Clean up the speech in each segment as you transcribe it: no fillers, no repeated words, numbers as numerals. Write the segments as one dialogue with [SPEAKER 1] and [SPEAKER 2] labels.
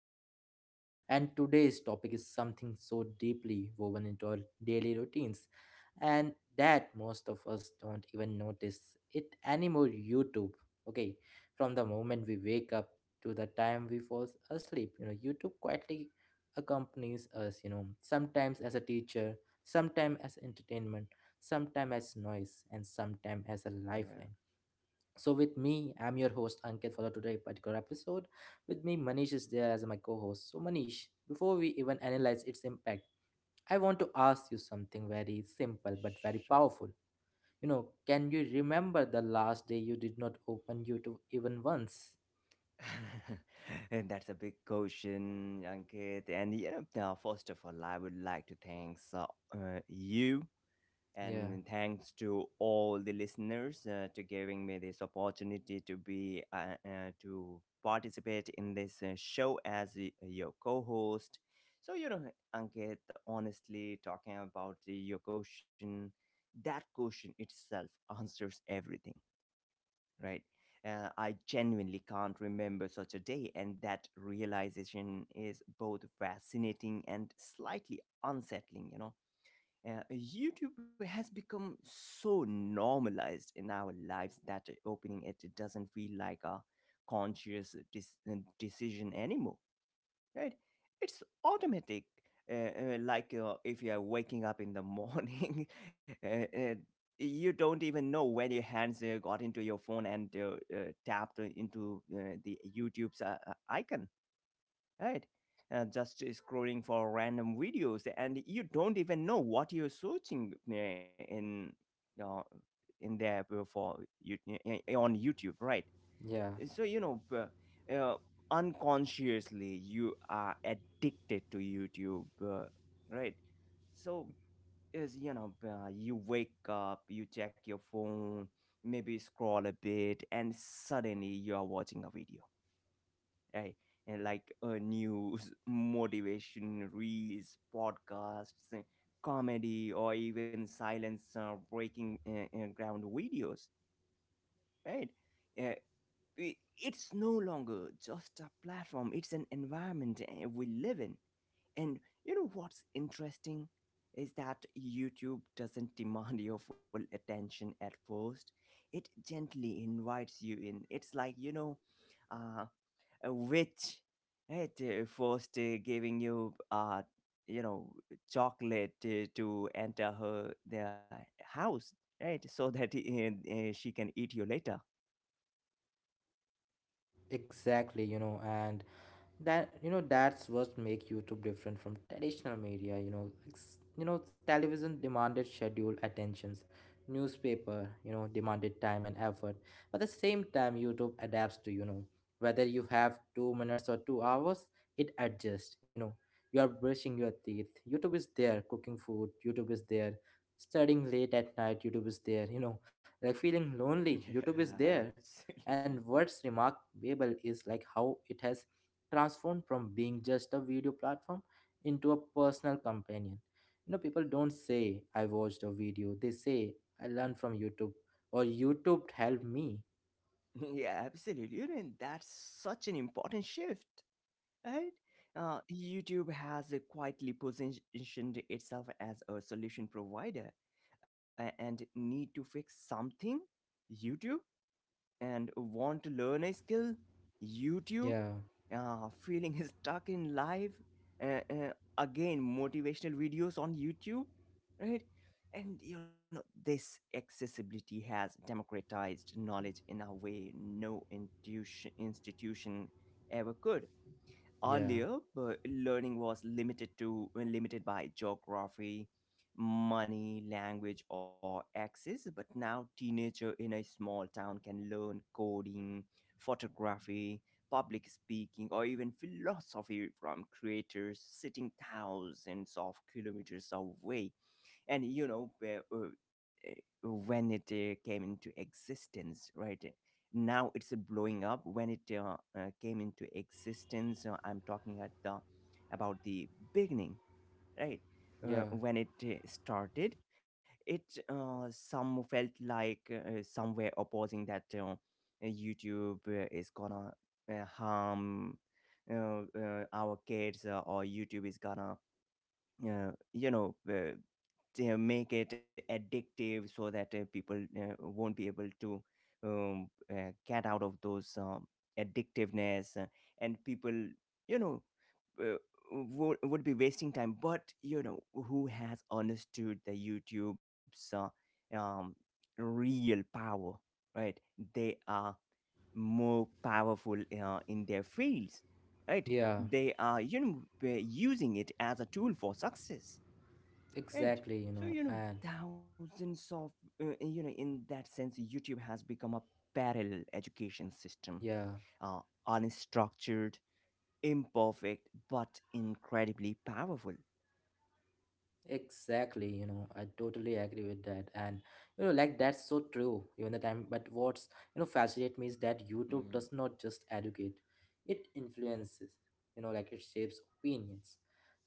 [SPEAKER 1] habits. And today's topic is something so deeply woven into our daily routines and that most of us don't even notice it anymore. YouTube, okay, from the moment we wake up to the time we fall asleep, you know, YouTube quietly accompanies us, you know, sometimes as a teacher, sometime as entertainment, sometime as noise, and sometime as a
[SPEAKER 2] Yeah,
[SPEAKER 1] lifeline. So with me, I'm your host Ankit for the today particular episode. With me, Manish is there as my co-host. So Manish, before we even analyze its impact, I want to ask you something very simple but very
[SPEAKER 2] sure.
[SPEAKER 1] powerful. You know, can you remember the last day you did not open YouTube even once?
[SPEAKER 2] And that's a big question, Ankit. And you know, now, first of all, I would like to thank you
[SPEAKER 1] Yeah,
[SPEAKER 2] and thanks to all the listeners to giving me this opportunity to be to participate in this show as your co-host. So you know, Ankit, honestly, talking about your question, that question itself answers everything, right? I genuinely can't remember such a day, and that realization is both fascinating and slightly unsettling, you know. YouTube has become so normalized in our lives that opening it doesn't feel like a conscious decision anymore. Right, it's automatic. Like, if you are waking up in the morning uh, uh, you don't even know when your hands got into your phone, and tapped into the YouTube's icon, right? Just scrolling for random videos, and you don't even know what you're searching uh, in there for you, on YouTube, right?
[SPEAKER 1] yeah,
[SPEAKER 2] So you know, unconsciously you are addicted to YouTube, right? So, is, you know, you wake up, you check your phone, maybe scroll a bit, and suddenly you are watching a video, right? And like, news motivation reels podcasts, comedy, or even silence, breaking ground videos, right? Eh, it's no longer just a platform, it's an environment we live in. And you know what's interesting is that YouTube doesn't demand your full attention at first, it gently invites you in. It's like, uh, a witch, right, first giving you, you know, chocolate to enter her their house, right? So that she can eat you later.
[SPEAKER 1] exactly. You know, and that, you know, that's what make YouTube different from traditional media, you know. You know, television demanded schedule attentions, newspaper, you know, demanded time and effort, but at the same time YouTube adapts to, you know, whether you have 2 minutes or 2 hours, it adjusts. You know, you are brushing your teeth, YouTube is there, cooking food, YouTube is there, studying late at night, YouTube is there, you know, like feeling lonely, YouTube is there.
[SPEAKER 2] Yeah,
[SPEAKER 1] And
[SPEAKER 2] absolutely.
[SPEAKER 1] what's remarkable is like how it has transformed from being just a video platform into a personal companion. You know, people don't say I watched a video. They say I learned from YouTube, or YouTube helped me.
[SPEAKER 2] Yeah, absolutely. You know, and that's such an important shift, right? YouTube has quietly positioned itself as a solution provider, and need to fix something. YouTube, and want to learn a skill, YouTube,
[SPEAKER 1] Yeah,
[SPEAKER 2] feeling stuck in life, uh, uh, again, motivational videos on YouTube, right? And you know, this accessibility has democratized knowledge in a way no institution ever could.
[SPEAKER 1] yeah,
[SPEAKER 2] Earlier, but learning was limited by geography, money, language, or access. But now, teenager in a small town can learn coding, photography, public speaking, or even philosophy from creators sitting thousands of kilometers away. And you know when it came into existence, right? Now it's blowing up. When it came into existence, I'm talking at the about the beginning, right?
[SPEAKER 1] yeah,
[SPEAKER 2] When it started, it some felt like somewhere opposing that YouTube is gonna harm our kids, or YouTube is gonna uh, you know uh, to make it addictive so that people won't be able to get out of those, addictiveness, and people, you know, uh, would be wasting time. But you know who has understood the YouTube's um, real power, right? They are more powerful in their fields, right?
[SPEAKER 1] yeah,
[SPEAKER 2] They are, you know, they're using it as a tool for success, right?
[SPEAKER 1] exactly, you
[SPEAKER 2] So
[SPEAKER 1] know,
[SPEAKER 2] you know,
[SPEAKER 1] and
[SPEAKER 2] thousands of in that sense, YouTube has become a parallel education system.
[SPEAKER 1] yeah.
[SPEAKER 2] uh, Unstructured, imperfect, but incredibly powerful.
[SPEAKER 1] Exactly, you know, I totally agree with that. And you know, like that's so true, even the time. But what's, you know, fascinate me is that YouTube
[SPEAKER 2] Mm.
[SPEAKER 1] does not just educate, it influences, you know, like it shapes opinions,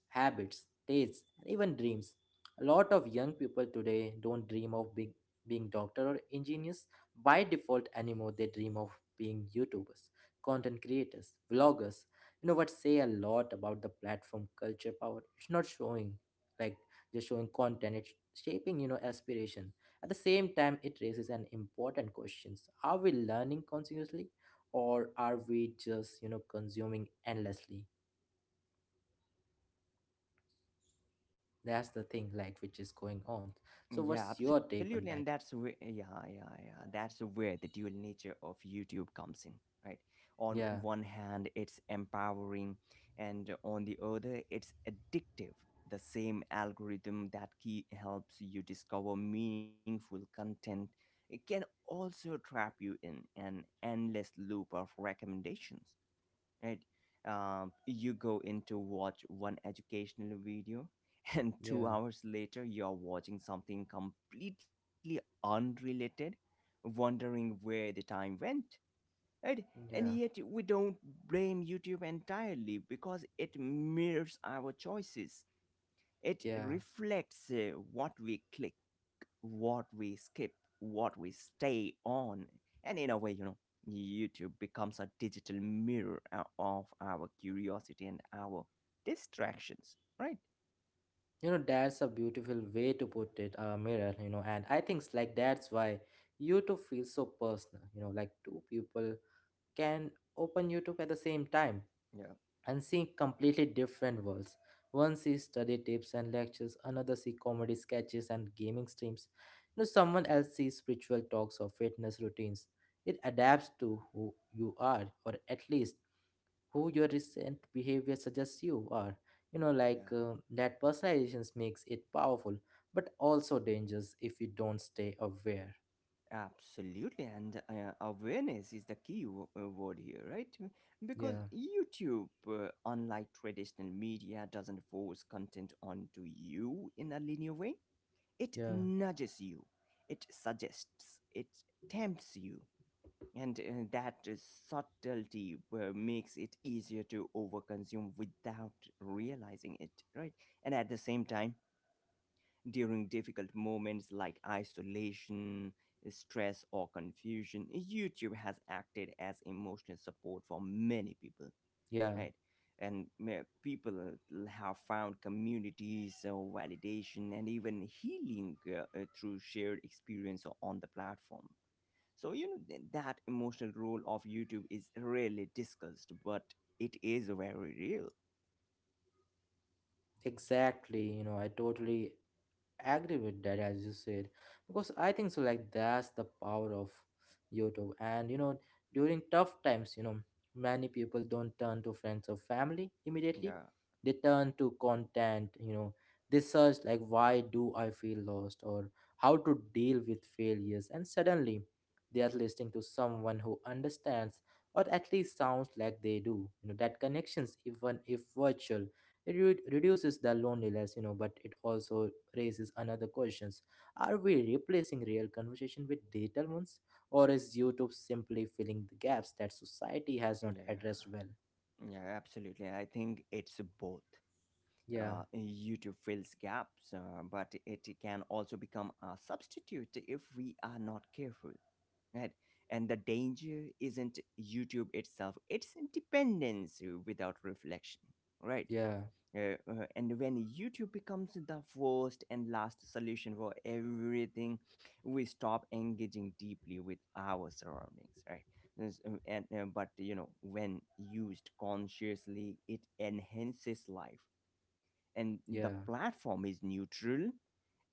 [SPEAKER 1] habits, tastes, and even dreams. A lot of young people today don't dream of big, being doctor or engineers by default anymore. They dream of being YouTubers, content creators, vloggers. You know what say a lot about the platform culture power. It's not showing, like, just showing content. It's shaping, you know, aspiration. At the same time, it raises an important questions: Are we learning continuously, or are we just, you know, consuming endlessly? That's the thing, like, which is going on. So,
[SPEAKER 2] Yeah,
[SPEAKER 1] what's your
[SPEAKER 2] absolutely,
[SPEAKER 1] take
[SPEAKER 2] and
[SPEAKER 1] on
[SPEAKER 2] that's
[SPEAKER 1] that?
[SPEAKER 2] where yeah, yeah, yeah. That's where the dual nature of YouTube comes in, right? On
[SPEAKER 1] Yeah,
[SPEAKER 2] one hand, it's empowering, and on the other, it's addictive. The same algorithm that key helps you discover meaningful content, it can also trap you in an endless loop of recommendations, right? You go in to watch one educational video, and two
[SPEAKER 1] yeah,
[SPEAKER 2] hours later, you're watching something completely unrelated, wondering where the time went, right? And
[SPEAKER 1] yeah,
[SPEAKER 2] yet, we don't blame YouTube entirely because it mirrors our choices. It
[SPEAKER 1] yeah.
[SPEAKER 2] reflects what we click, what we skip, what we stay on. And in a way, YouTube becomes a digital mirror of our curiosity and our distractions, right?
[SPEAKER 1] You know, that's a beautiful way to put it, mirror, you know, and I think it's like that's why you two feel so personal, you know, like two people can open YouTube at the same time,
[SPEAKER 2] Yeah,
[SPEAKER 1] and seeing completely different worlds. One sees study tips and lectures, another sees comedy sketches and gaming streams. You know, someone else sees spiritual talks or fitness routines. It adapts to who you are, or at least who your recent behavior suggests you are. You know,
[SPEAKER 2] yeah,
[SPEAKER 1] like that personalizations makes it powerful, but also dangerous if you don't stay aware.
[SPEAKER 2] absolutely, and awareness is the key word here, right? Because
[SPEAKER 1] Yeah,
[SPEAKER 2] YouTube, unlike traditional media, doesn't force content onto you in a linear way. It
[SPEAKER 1] yeah,
[SPEAKER 2] nudges you, it suggests, it tempts you, and that subtlety makes it easier to overconsume without realizing it, right? And at the same time, during difficult moments like isolation, stress, or confusion, YouTube has acted as emotional support for many people,
[SPEAKER 1] yeah,
[SPEAKER 2] right? And people have found communities, so validation, and even healing through shared experience on the platform. So, you know, that emotional role of YouTube is rarely discussed, but it is very real.
[SPEAKER 1] exactly. You know, I totally agree with that as you said, because I think so like that's the power of YouTube. And you know, during tough times, you know, many people don't turn to friends or family immediately,
[SPEAKER 2] Yeah,
[SPEAKER 1] they turn to content. You know, they search like why do I feel lost, or how to deal with failures, and suddenly they are listening to someone who understands, or at least sounds like they do. You know, that connections, even if virtual, it reduces the loneliness. You know, but it also raises another questions: are we replacing real conversation with digital ones, or is YouTube simply filling the gaps that society has not
[SPEAKER 2] yeah,
[SPEAKER 1] addressed well?
[SPEAKER 2] yeah, absolutely. I think it's both.
[SPEAKER 1] Yeah,
[SPEAKER 2] YouTube fills gaps, but it can also become a substitute if we are not careful. Right. And the danger isn't YouTube itself, it's independence without reflection, right?
[SPEAKER 1] yeah,
[SPEAKER 2] And when YouTube becomes the first and last solution for everything, we stop engaging deeply with our surroundings, right? There's, and But you know, when used consciously, it enhances life, and
[SPEAKER 1] yeah,
[SPEAKER 2] the platform is neutral.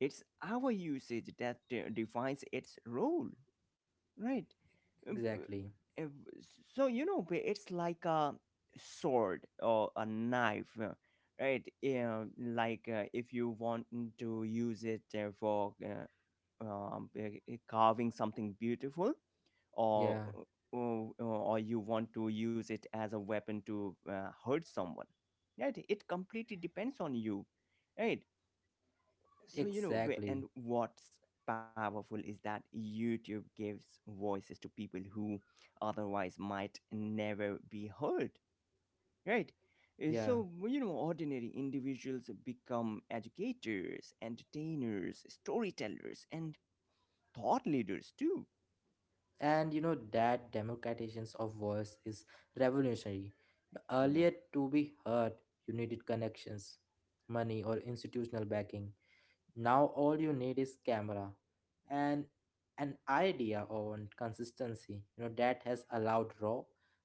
[SPEAKER 2] It's our usage that defines its role. Right. Uh, b-
[SPEAKER 1] exactly,
[SPEAKER 2] uh, So, you know, it's like a sword or a knife, right? Yeah, like if you want to use it for carving something beautiful,
[SPEAKER 1] yeah,
[SPEAKER 2] or, or you want to use it as a weapon to hurt someone, right? It completely depends on you, right? So, you know, wh-
[SPEAKER 1] exactly,
[SPEAKER 2] and what's powerful is that YouTube gives voices to people who otherwise might never be heard, right?
[SPEAKER 1] yeah.
[SPEAKER 2] So, well, you know, ordinary individuals become educators, entertainers, storytellers, and thought leaders too.
[SPEAKER 1] And you know, that democratizations of voice is revolutionary.
[SPEAKER 2] Yeah.
[SPEAKER 1] Earlier, to be heard you needed connections, money, or institutional backing. Now all you need is camera, and an idea on consistency. You know, that has allowed raw,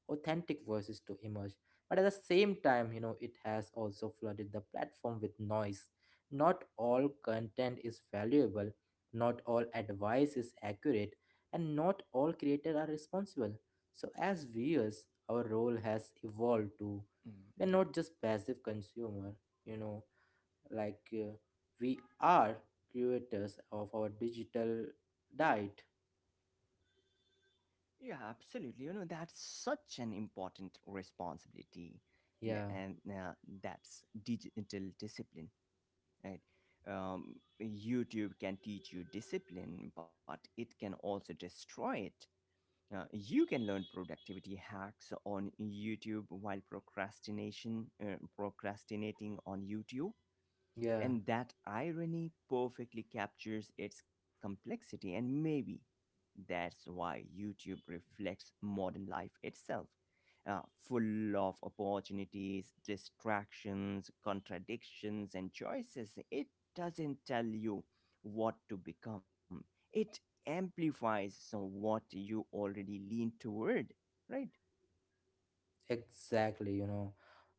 [SPEAKER 1] authentic voices to emerge. But at the same time, you know, it has also flooded the platform with noise. Not all content is valuable, not all advice is accurate, and not all creators are responsible. So as viewers, our role has evolved to,
[SPEAKER 2] Mm,
[SPEAKER 1] we're
[SPEAKER 2] yeah.
[SPEAKER 1] not just passive consumer, you know, like we are creators of our digital diet.
[SPEAKER 2] Yeah, absolutely. You know, that's such an important responsibility. n-
[SPEAKER 1] Yeah,
[SPEAKER 2] And uh, that's digital discipline. Right? YouTube can teach you discipline, but it can also destroy it. You can learn productivity hacks on YouTube while procrastination procrastinating on YouTube,
[SPEAKER 1] yeah,
[SPEAKER 2] and that irony perfectly captures its complexity. And maybe that's why YouTube reflects modern life itself, full of opportunities, distractions, contradictions, and choices. It doesn't tell you what to become, it amplifies so what you already lean toward, right?
[SPEAKER 1] exactly. You know,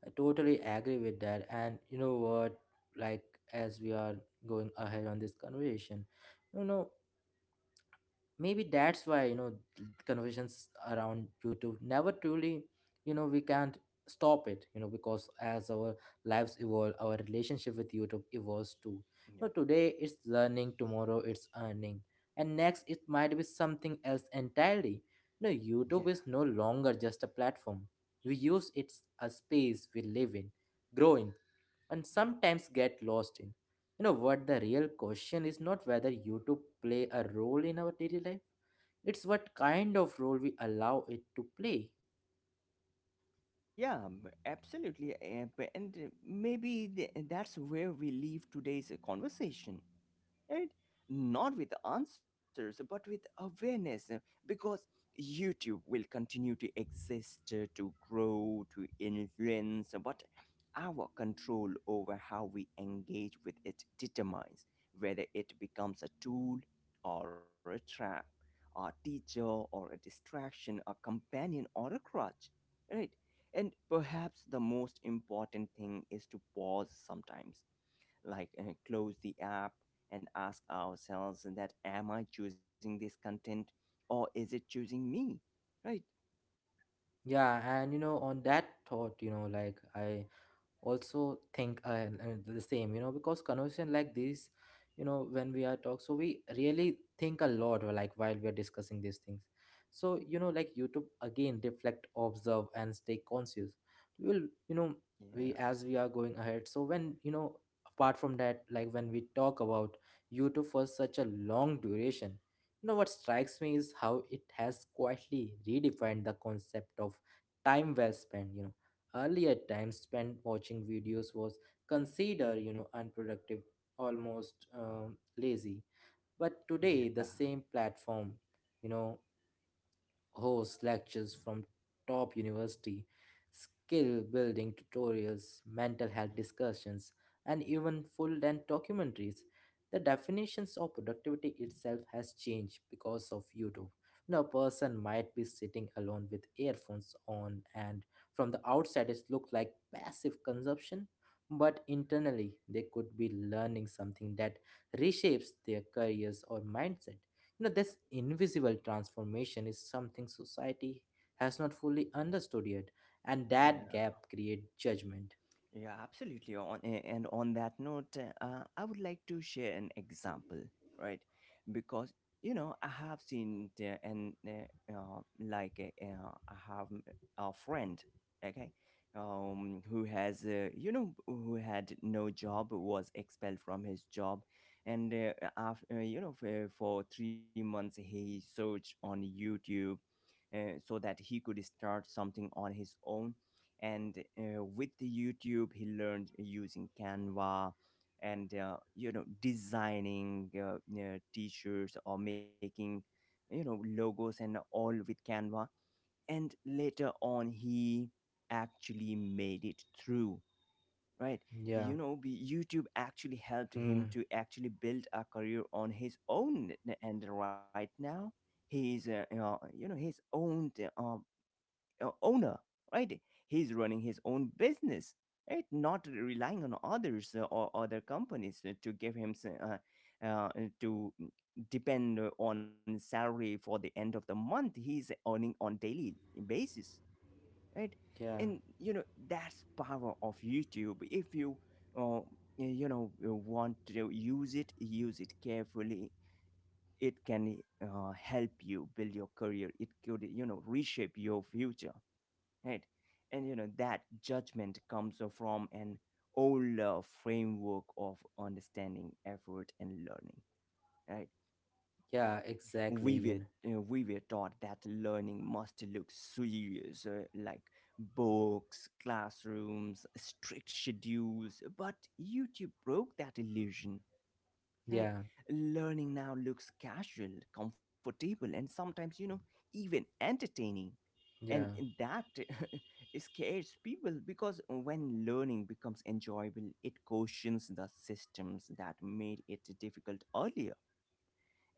[SPEAKER 1] I totally agree with that. And you know what, like, as we are going ahead on this conversation, you know, maybe that's why, you know, conversations around YouTube never truly, you know, we can't stop it, you know, because as our lives evolve, our relationship with YouTube evolves too.
[SPEAKER 2] Yeah.
[SPEAKER 1] But today it's learning, tomorrow it's earning, and next it might be something else entirely. You know,
[SPEAKER 2] Yeah.
[SPEAKER 1] YouTube is no longer just a platform we use, it a space we live in, grow in, and sometimes get lost in. You know what, the real question is not whether YouTube play a role in our daily life, it's what kind of role we allow it to play.
[SPEAKER 2] Yeah, absolutely. And maybe that's where we leave today's conversation. Right? Not with answers, but with awareness, because YouTube will continue to exist, to grow, to influence, but our control over how we engage with it determines whether it becomes a tool or a trap, a teacher or a distraction, a companion or a crutch, right? And perhaps the most important thing is to pause sometimes, like close the app and ask ourselves that, am I choosing this content or is it choosing me? Right?
[SPEAKER 1] Yeah, and you know, on that thought, you know, like I also think the same. You know, because conversation like this, you know, when we are talk so we really
[SPEAKER 2] Yeah.
[SPEAKER 1] think a lot, like while we are discussing these things. So you know, like YouTube again reflect observe and stay conscious we will, you know,
[SPEAKER 2] Yeah.
[SPEAKER 1] we as we are going ahead. So when you know, apart from that, like when we talk about YouTube for such a long duration, you know what strikes me is how it has quietly redefined the concept of time well spent, you know. Earlier, time spent watching videos was considered, you know, unproductive, almost lazy. But today, the same platform, you know, Host lectures from top university, skill building tutorials, mental health discussions, and even full length documentaries. The definitions of productivity itself has changed because of YouTube. Now, a person might be sitting alone with earphones on, and from the outside, it looks like passive consumption, but internally, they could be learning something that reshapes their careers or mindset. You know, this invisible transformation is something society has not fully understood yet, and that
[SPEAKER 2] Yeah.
[SPEAKER 1] gap creates judgment.
[SPEAKER 2] Yeah, absolutely. And on that note, I would like to share an example, right? Because you know, I have seen and like, I have a friend, okay, who has you know who had no job, was expelled from his job, and after you know for, 3 months he searched on YouTube so that he could start something on his own. And with the YouTube, he learned using Canva and designing t-shirts, or making logos and all with Canva. And later on, he actually made it through. Right, you
[SPEAKER 1] Yeah.
[SPEAKER 2] know, YouTube actually helped him
[SPEAKER 1] Hmm.
[SPEAKER 2] to actually build a career on his own, and right now he's his own uh, owner, right? He's running his own business, right? Not relying on others or other companies to give him to depend on salary for the end of the month. He's earning on daily basis, right?
[SPEAKER 1] Yeah.
[SPEAKER 2] And you know that's power of YouTube. If you uh, you know want to use it carefully. It can help you build your career. It could reshape your future, right? And you know that judgment comes from an older framework of understanding effort and learning, right?
[SPEAKER 1] Yeah. Exactly.
[SPEAKER 2] we
[SPEAKER 1] You
[SPEAKER 2] were
[SPEAKER 1] know.
[SPEAKER 2] uh, we were taught that learning must look serious, like books, classrooms, strict schedules, but YouTube broke that illusion, right?
[SPEAKER 1] Yeah.
[SPEAKER 2] Learning now looks casual, comfortable, and sometimes, you know, even entertaining. And
[SPEAKER 1] Yeah.
[SPEAKER 2] that scares people because when learning becomes enjoyable it questions the systems that made it difficult earlier.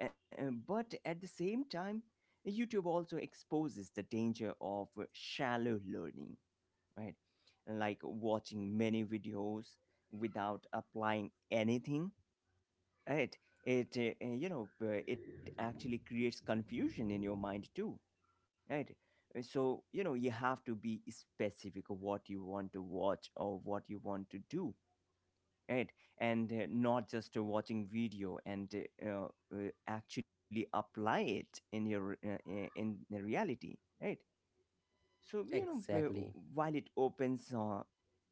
[SPEAKER 2] But at the same time, YouTube also exposes the danger of shallow learning, right? Like watching many videos without applying anything, right? It uh, uh, you know uh, it actually creates confusion in your mind too, right? So you know, you have to be specific of what you want to watch or what you want to do, right? And not just watching video, and actually apply it in your in the reality, right? So you know,
[SPEAKER 1] Exactly.
[SPEAKER 2] while it opens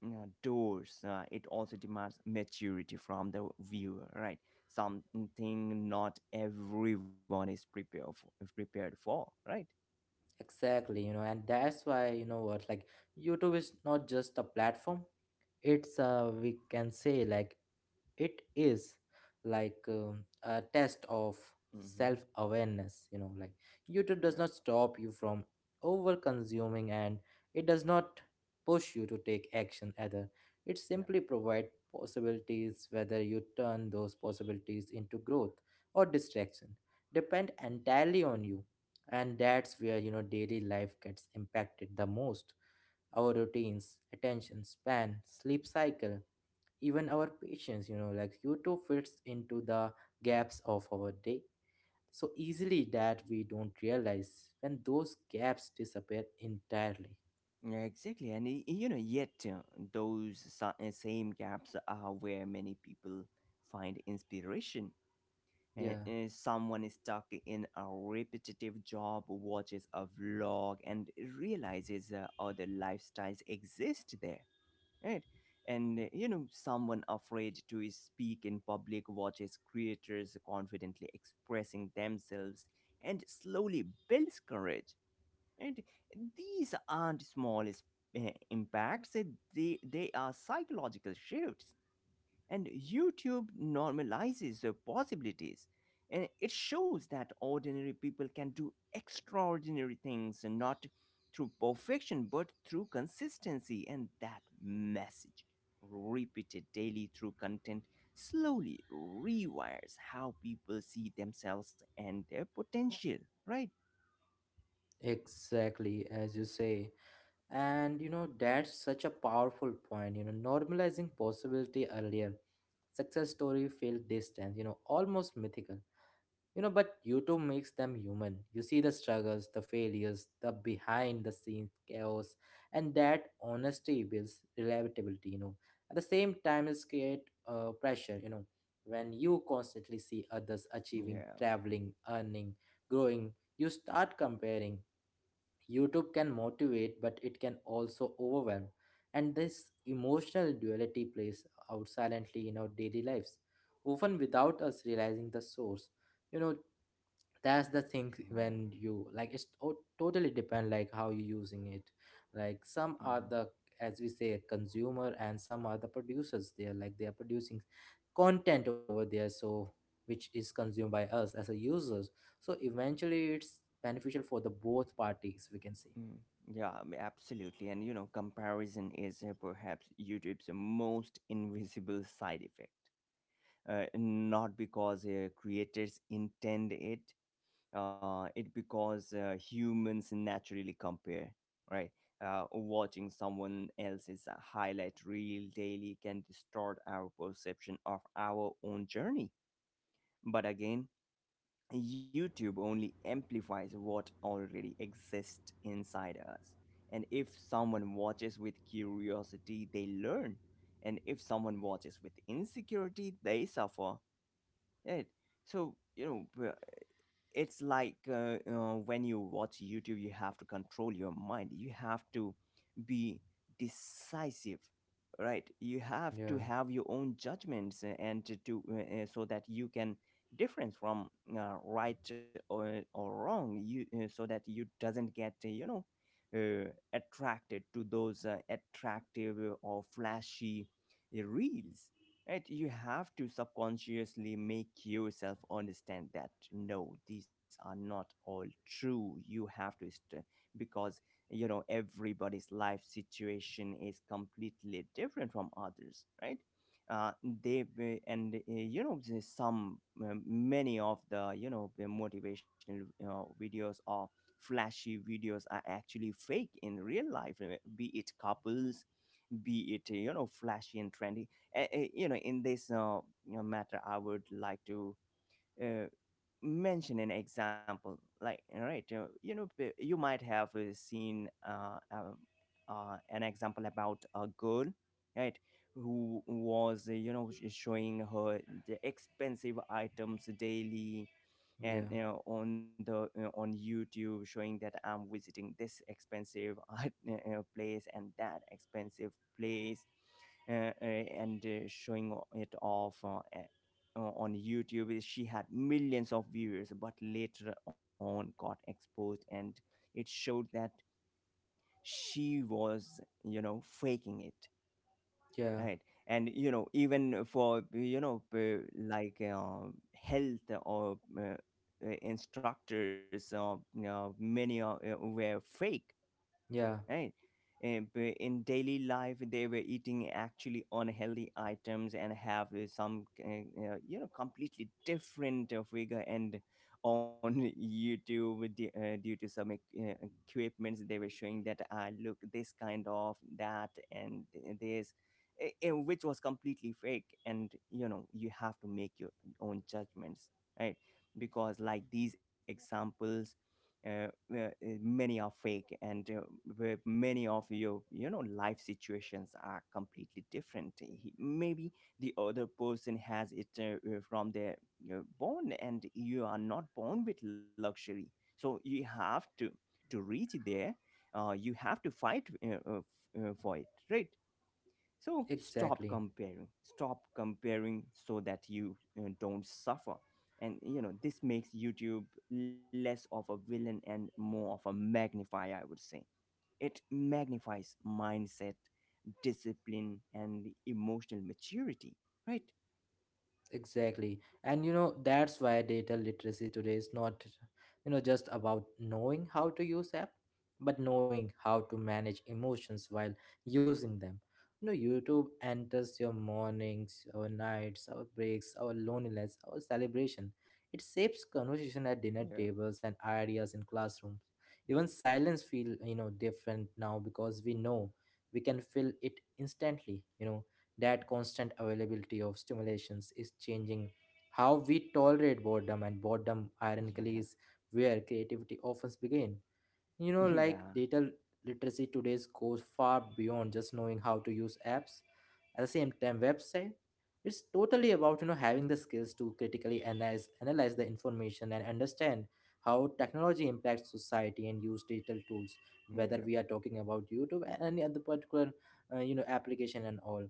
[SPEAKER 2] you know, doors, it also demands maturity from the viewer, right? Something not everyone is prepared for, prepared for, right?
[SPEAKER 1] Exactly. You know, and that's why you know what, like, YouTube is not just a platform. It's a, we can say like, it is like a test of
[SPEAKER 2] Mm-hmm.
[SPEAKER 1] self awareness. You know, like
[SPEAKER 2] Yeah.
[SPEAKER 1] YouTube does not stop you from over consuming, and it does not push you to take action either. It simply provides possibilities. Whether you turn those possibilities into growth or distraction depend entirely on you. And that's where, you know, daily life gets impacted the most, our routines, attention span, sleep cycle, even our patience. You know, like YouTube fits into the gaps of our day so easily that we don't realize when those gaps disappear entirely.
[SPEAKER 2] Yeah, exactly. And yet those same gaps are where many people find inspiration.
[SPEAKER 1] Yeah,
[SPEAKER 2] Someone is stuck in a repetitive job, watches a vlog, and realizes other lifestyles exist there, right? And you know, someone afraid to speak in public watches creators confidently expressing themselves and slowly builds courage. And these aren't impacts. They are psychological shifts. And YouTube normalizes the possibilities. And it shows that ordinary people can do extraordinary things, and not through perfection, but through consistency. And that message, repeated daily through content, slowly rewires how people see themselves and their potential, right?
[SPEAKER 1] exactly, as you say. And you know, that's such a powerful point, you know, normalizing possibility. Earlier success story feel distant, you know, almost mythical. You know, but YouTube makes them human. You see the struggles, the failures, the behind the scenes chaos, and that honesty builds reliability, you know. At the same time, it's create pressure, you know. When you constantly see others achieving,
[SPEAKER 2] Yeah,
[SPEAKER 1] traveling, earning, growing, you start comparing. YouTube can motivate, but it can also overwhelm. And this emotional duality plays out silently in our daily lives, often without us realizing the source. You know, that's the thing,
[SPEAKER 2] yeah.
[SPEAKER 1] when you like it's totally depend like how you're using it. Like some are the, as we say, consumer, and some are the producers, they're like they are producing content over there, so which is consumed by us as a users. So eventually it's beneficial for the both parties, we can say.
[SPEAKER 2] Mm. Yeah, I mean, absolutely. And you know, comparison is perhaps YouTube's most invisible side effect. Not because creators intend it, it because humans naturally compare, right? Watching someone else's highlight reel daily can distort our perception of our own journey. But again, YouTube only amplifies what already exists inside us. And if someone watches with curiosity, they learn. And if someone watches with insecurity, they suffer. Right. So, you know, it's like when you watch YouTube, you have to control your mind. You have to be decisive, right? You have to
[SPEAKER 1] Yeah,
[SPEAKER 2] have your own judgments, and so that you can difference from, right or wrong. You so that you doesn't get you know, attracted to those, attractive or flashy, reels. Right? You have to subconsciously make yourself understand that no, these are not all true. You have to, because you know, everybody's life situation is completely different from others, right? They be- and you know, there's some many of the, you know, the motivational videos or flashy videos are actually fake in real life, be it couples, be it you know, flashy and trendy. You know, in this you know, matter, I would like to uh, mention an example. Like all right, you know, you might have seen an example about a girl, right, who was you know, showing her the expensive items daily, and
[SPEAKER 1] yeah,
[SPEAKER 2] you know, on the, on YouTube, showing that I'm visiting this expensive place and that expensive place. And showing it off, on YouTube. Is, she had millions of viewers, but later on got exposed, and it showed that she was, you know, faking it,
[SPEAKER 1] yeah,
[SPEAKER 2] right? And you know, even for you know, like health or instructors, or you know, many are, were fake,
[SPEAKER 1] yeah,
[SPEAKER 2] right? And in daily life, they were eating actually unhealthy items and have some, you know, completely different figure. And on YouTube, with the, due to some equipments, they were showing that I look this kind of that and this, which was completely fake. And you know, you have to make your own judgments, right? Because like these examples, uh, uh, uh, many are fake, and where many of your you know life situations are completely different. Maybe the other person has it from their born, and you are not born with luxury, so you have to reach there, you have to fight for it, right? So stop
[SPEAKER 1] exactly.
[SPEAKER 2] comparing. Stop comparing so that you, don't suffer. And you know, this makes YouTube less of a villain and more of a magnifier, I would say. It magnifies mindset, discipline, and emotional maturity, right?
[SPEAKER 1] Exactly. And you know, that's why data literacy today is not, you know, just about knowing how to use app, but knowing how to manage emotions while using them. You know, YouTube enters your mornings, our nights, our breaks, our loneliness, our celebration. It shapes conversation at dinner
[SPEAKER 2] Yeah,
[SPEAKER 1] tables and ideas in classrooms. Even silence feel, different now because we know we can fill it instantly, that constant availability of stimulations is changing how we tolerate boredom, and boredom ironically is where creativity often begins.
[SPEAKER 2] yeah, yeah,
[SPEAKER 1] Data literacy today goes far beyond just knowing how to use apps. At the same time website, it's totally about having the skills to critically analyze the information and understand how technology impacts society and use digital tools,
[SPEAKER 2] yeah,
[SPEAKER 1] whether we are talking about youtube and any other particular application and all.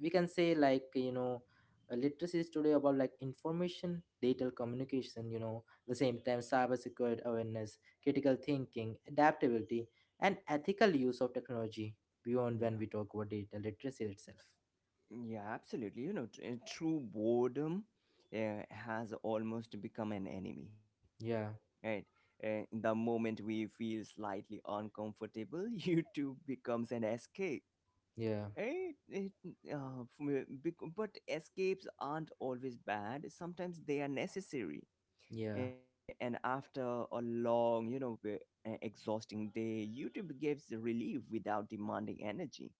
[SPEAKER 1] We can say literacy is today about like information, digital communication, the same time, cyber security awareness, critical thinking, adaptability, and ethical use of technology beyond when
[SPEAKER 2] yeah,
[SPEAKER 1] we talk about digital literacy itself.
[SPEAKER 2] yeah, absolutely. You know, true boredom has almost become an enemy.
[SPEAKER 1] Yeah,
[SPEAKER 2] Right. The moment we feel slightly uncomfortable, YouTube becomes an escape,
[SPEAKER 1] yeah,
[SPEAKER 2] right? But escapes aren't always bad. Sometimes they are necessary.
[SPEAKER 1] yeah,
[SPEAKER 2] And after a long, you know, exhausting day, YouTube gives the relief without demanding energy.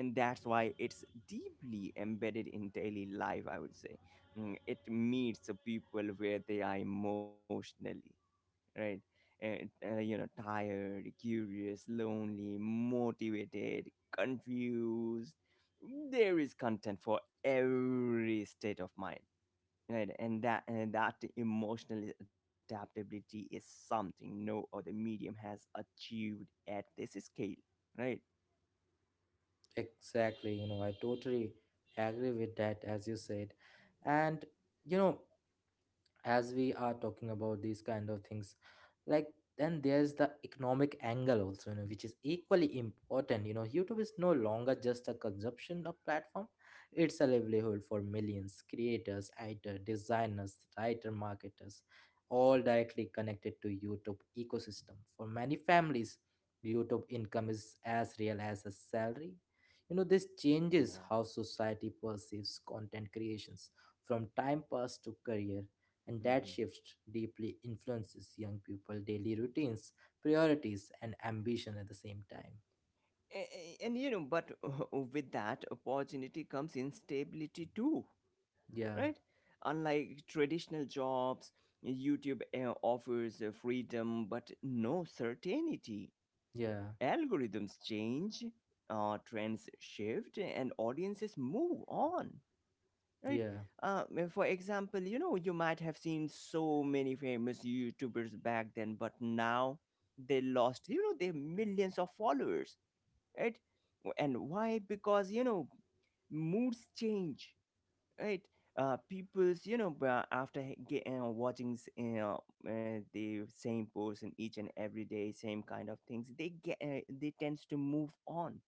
[SPEAKER 2] And that's why it's deeply embedded in daily life, I would say. Mm, it meets the people where they are emotionally, right? And you know, tired, curious, lonely, motivated, confused. There is content for every state of mind, right? And that, and that emotional adaptability is something no other medium has achieved at this scale, right?
[SPEAKER 1] exactly. I totally agree with that, as you said. And you know as we are talking about these kind of things, like, then there's the economic angle also, which is equally important. YouTube is no longer just a consumption of platform, it's a livelihood for millions. Creators, actors, designers, writer, marketers, all directly connected to youtube ecosystem. For many families, youtube income is as real as a salary. This changes how society perceives content creations, from time pass to career, and that
[SPEAKER 2] Mhm.
[SPEAKER 1] shift deeply influences young people daily routines, priorities, and ambition at the same time.
[SPEAKER 2] And you know, but with that opportunity comes instability too,
[SPEAKER 1] Yeah,
[SPEAKER 2] right? Unlike traditional jobs, YouTube offers freedom but no certainty.
[SPEAKER 1] yeah,
[SPEAKER 2] Algorithms change, trends shift, and audiences move on, right?
[SPEAKER 1] yeah,
[SPEAKER 2] For example, you know, you might have seen so many famous YouTubers back then, but now they lost, you know, their millions of followers, right? And why? Because, you know, moods change, right? People's, you know, watching the same person each and every day, same kind of things, they get they tends to move on,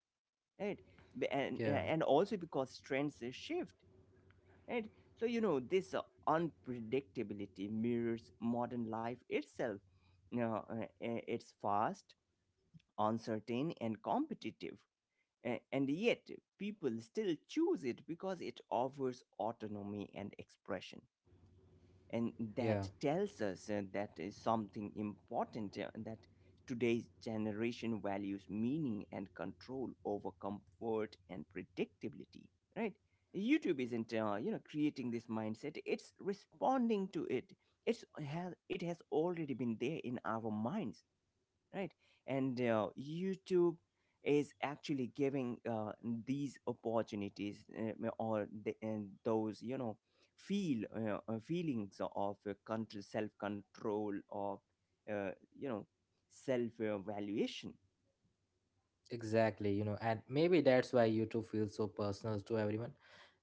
[SPEAKER 2] right?
[SPEAKER 1] yeah,
[SPEAKER 2] And also because trends shift, right? So you know, this unpredictability mirrors modern life itself. Now, it's fast, uncertain, and competitive. And yet people still choose it because it offers autonomy and expression. And
[SPEAKER 1] yeah.
[SPEAKER 2] that tells us that is something important, that today's generation values meaning and control over comfort and predictability, right? YouTube isn't, you know, creating this mindset, it's responding to it. It's Has it has already been there in our minds, right? And YouTube is actually giving these opportunities, or the, and those, you know, feel feelings of control, self control, of uh, you know, self evaluation.
[SPEAKER 1] Exactly, and maybe that's why YouTube feels so personal to everyone,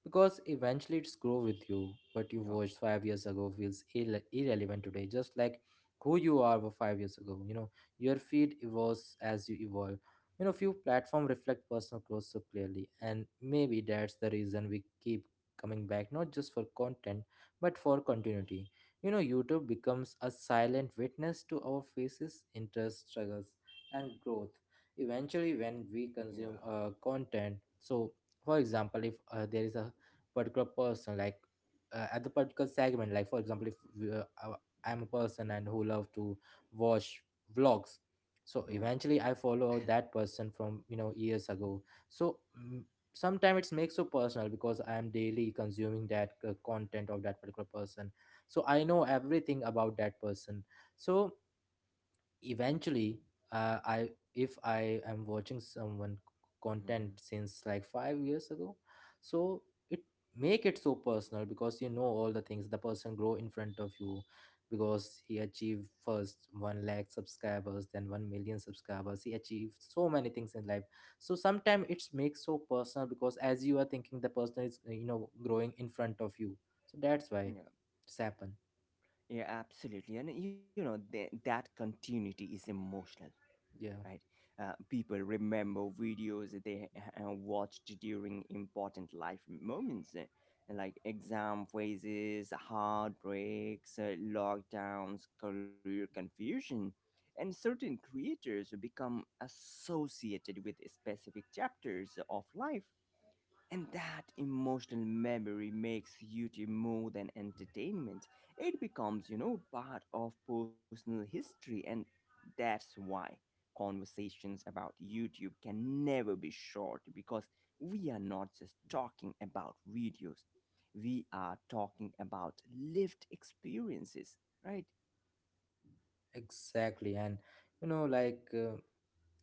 [SPEAKER 1] because eventually it's grow with you. What you
[SPEAKER 2] Yeah,
[SPEAKER 1] watched five years ago feels irrelevant today, just like who you are were five years ago. Your feed evolves as you evolve. You know, few platform reflect personal growth so clearly, and maybe that's the reason we keep coming back, not just for content, but for continuity. YouTube becomes a silent witness to our faces, interests, struggles, and growth eventually when we consume
[SPEAKER 2] yeah,
[SPEAKER 1] content. So for example, if there is a particular person like at the particular segment, like for example if I'm a person and who love to watch vlogs, so
[SPEAKER 2] yeah.
[SPEAKER 1] eventually I follow that person from years ago. So sometimes it's makes so personal because I am daily consuming that content of that particular person, so I know everything about that person. So eventually I if I am watching someone content
[SPEAKER 2] Mhm.
[SPEAKER 1] since like 5 years ago, so it make it so personal because all the things the person grow in front of you, because he achieved first 1 lakh subscribers, then 1 million subscribers. He achieved so many things in life, so sometimes it's makes so personal because as you are thinking the person is growing in front of you. So that's why
[SPEAKER 2] Yeah.
[SPEAKER 1] it's happened.
[SPEAKER 2] Yeah, absolutely. And you know, that continuity is emotional, right?
[SPEAKER 1] Yeah,
[SPEAKER 2] People remember videos that they watched during important life moments, like exam phases, heartbreaks, lockdowns, career confusion. And certain creators become associated with specific chapters of life, and that emotional memory makes YouTube more than entertainment. It becomes, you know, part of personal history. And that's why conversations about YouTube can never be short, because we are not just talking about videos, we are talking about lived experiences, right?
[SPEAKER 1] exactly. And you know like uh,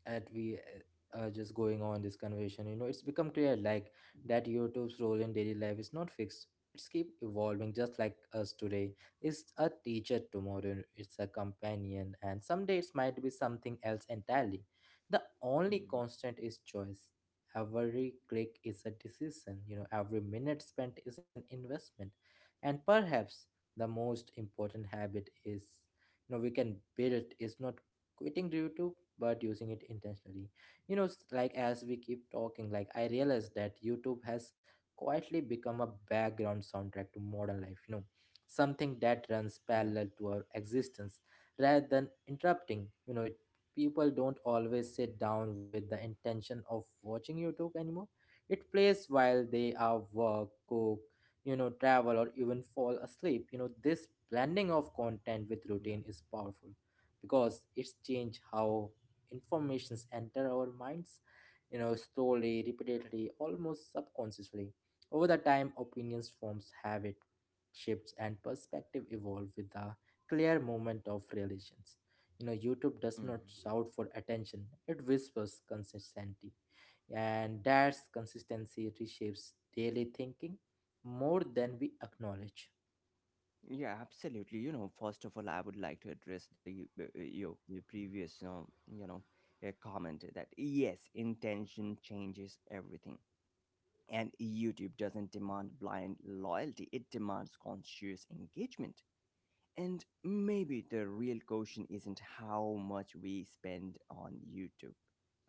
[SPEAKER 1] that we are just going on this conversation, it's become clear, like, that youtube's role in daily life is not fixed, it's keep evolving just like us. Today it's a teacher, tomorrow it's a companion, and someday it might be something else entirely. The only
[SPEAKER 2] Mhm.
[SPEAKER 1] constant is choice. Every click is a decision. Every minute spent is an investment, and perhaps the most important habit is, we can build, is not quitting YouTube, but using it intentionally. Like as we keep talking, like, I realized that youtube has quietly become a background soundtrack to modern life, something that
[SPEAKER 2] Yeah,
[SPEAKER 1] runs parallel to our existence rather than interrupting. People don't always sit down with the intention of watching youtube anymore. It plays while they are work, cook, travel, or even fall asleep. This blending of content with
[SPEAKER 2] yeah.
[SPEAKER 1] routine is powerful because it's changed how informations enter our minds, slowly, repeatedly, almost subconsciously. Over the time, opinions forms, habit shifts, and perspective evolve with the clear moment of relations. YouTube does not
[SPEAKER 2] Mhm.
[SPEAKER 1] shout for attention, it whispers consistency, and that consistency reshapes daily thinking more than we acknowledge.
[SPEAKER 2] Yeah, absolutely. You know, first of all, I would like to address the your previous, you know, comment that yes, intention changes everything. And YouTube doesn't demand blind loyalty, it demands conscious engagement. And maybe the real question isn't how much we spend on YouTube,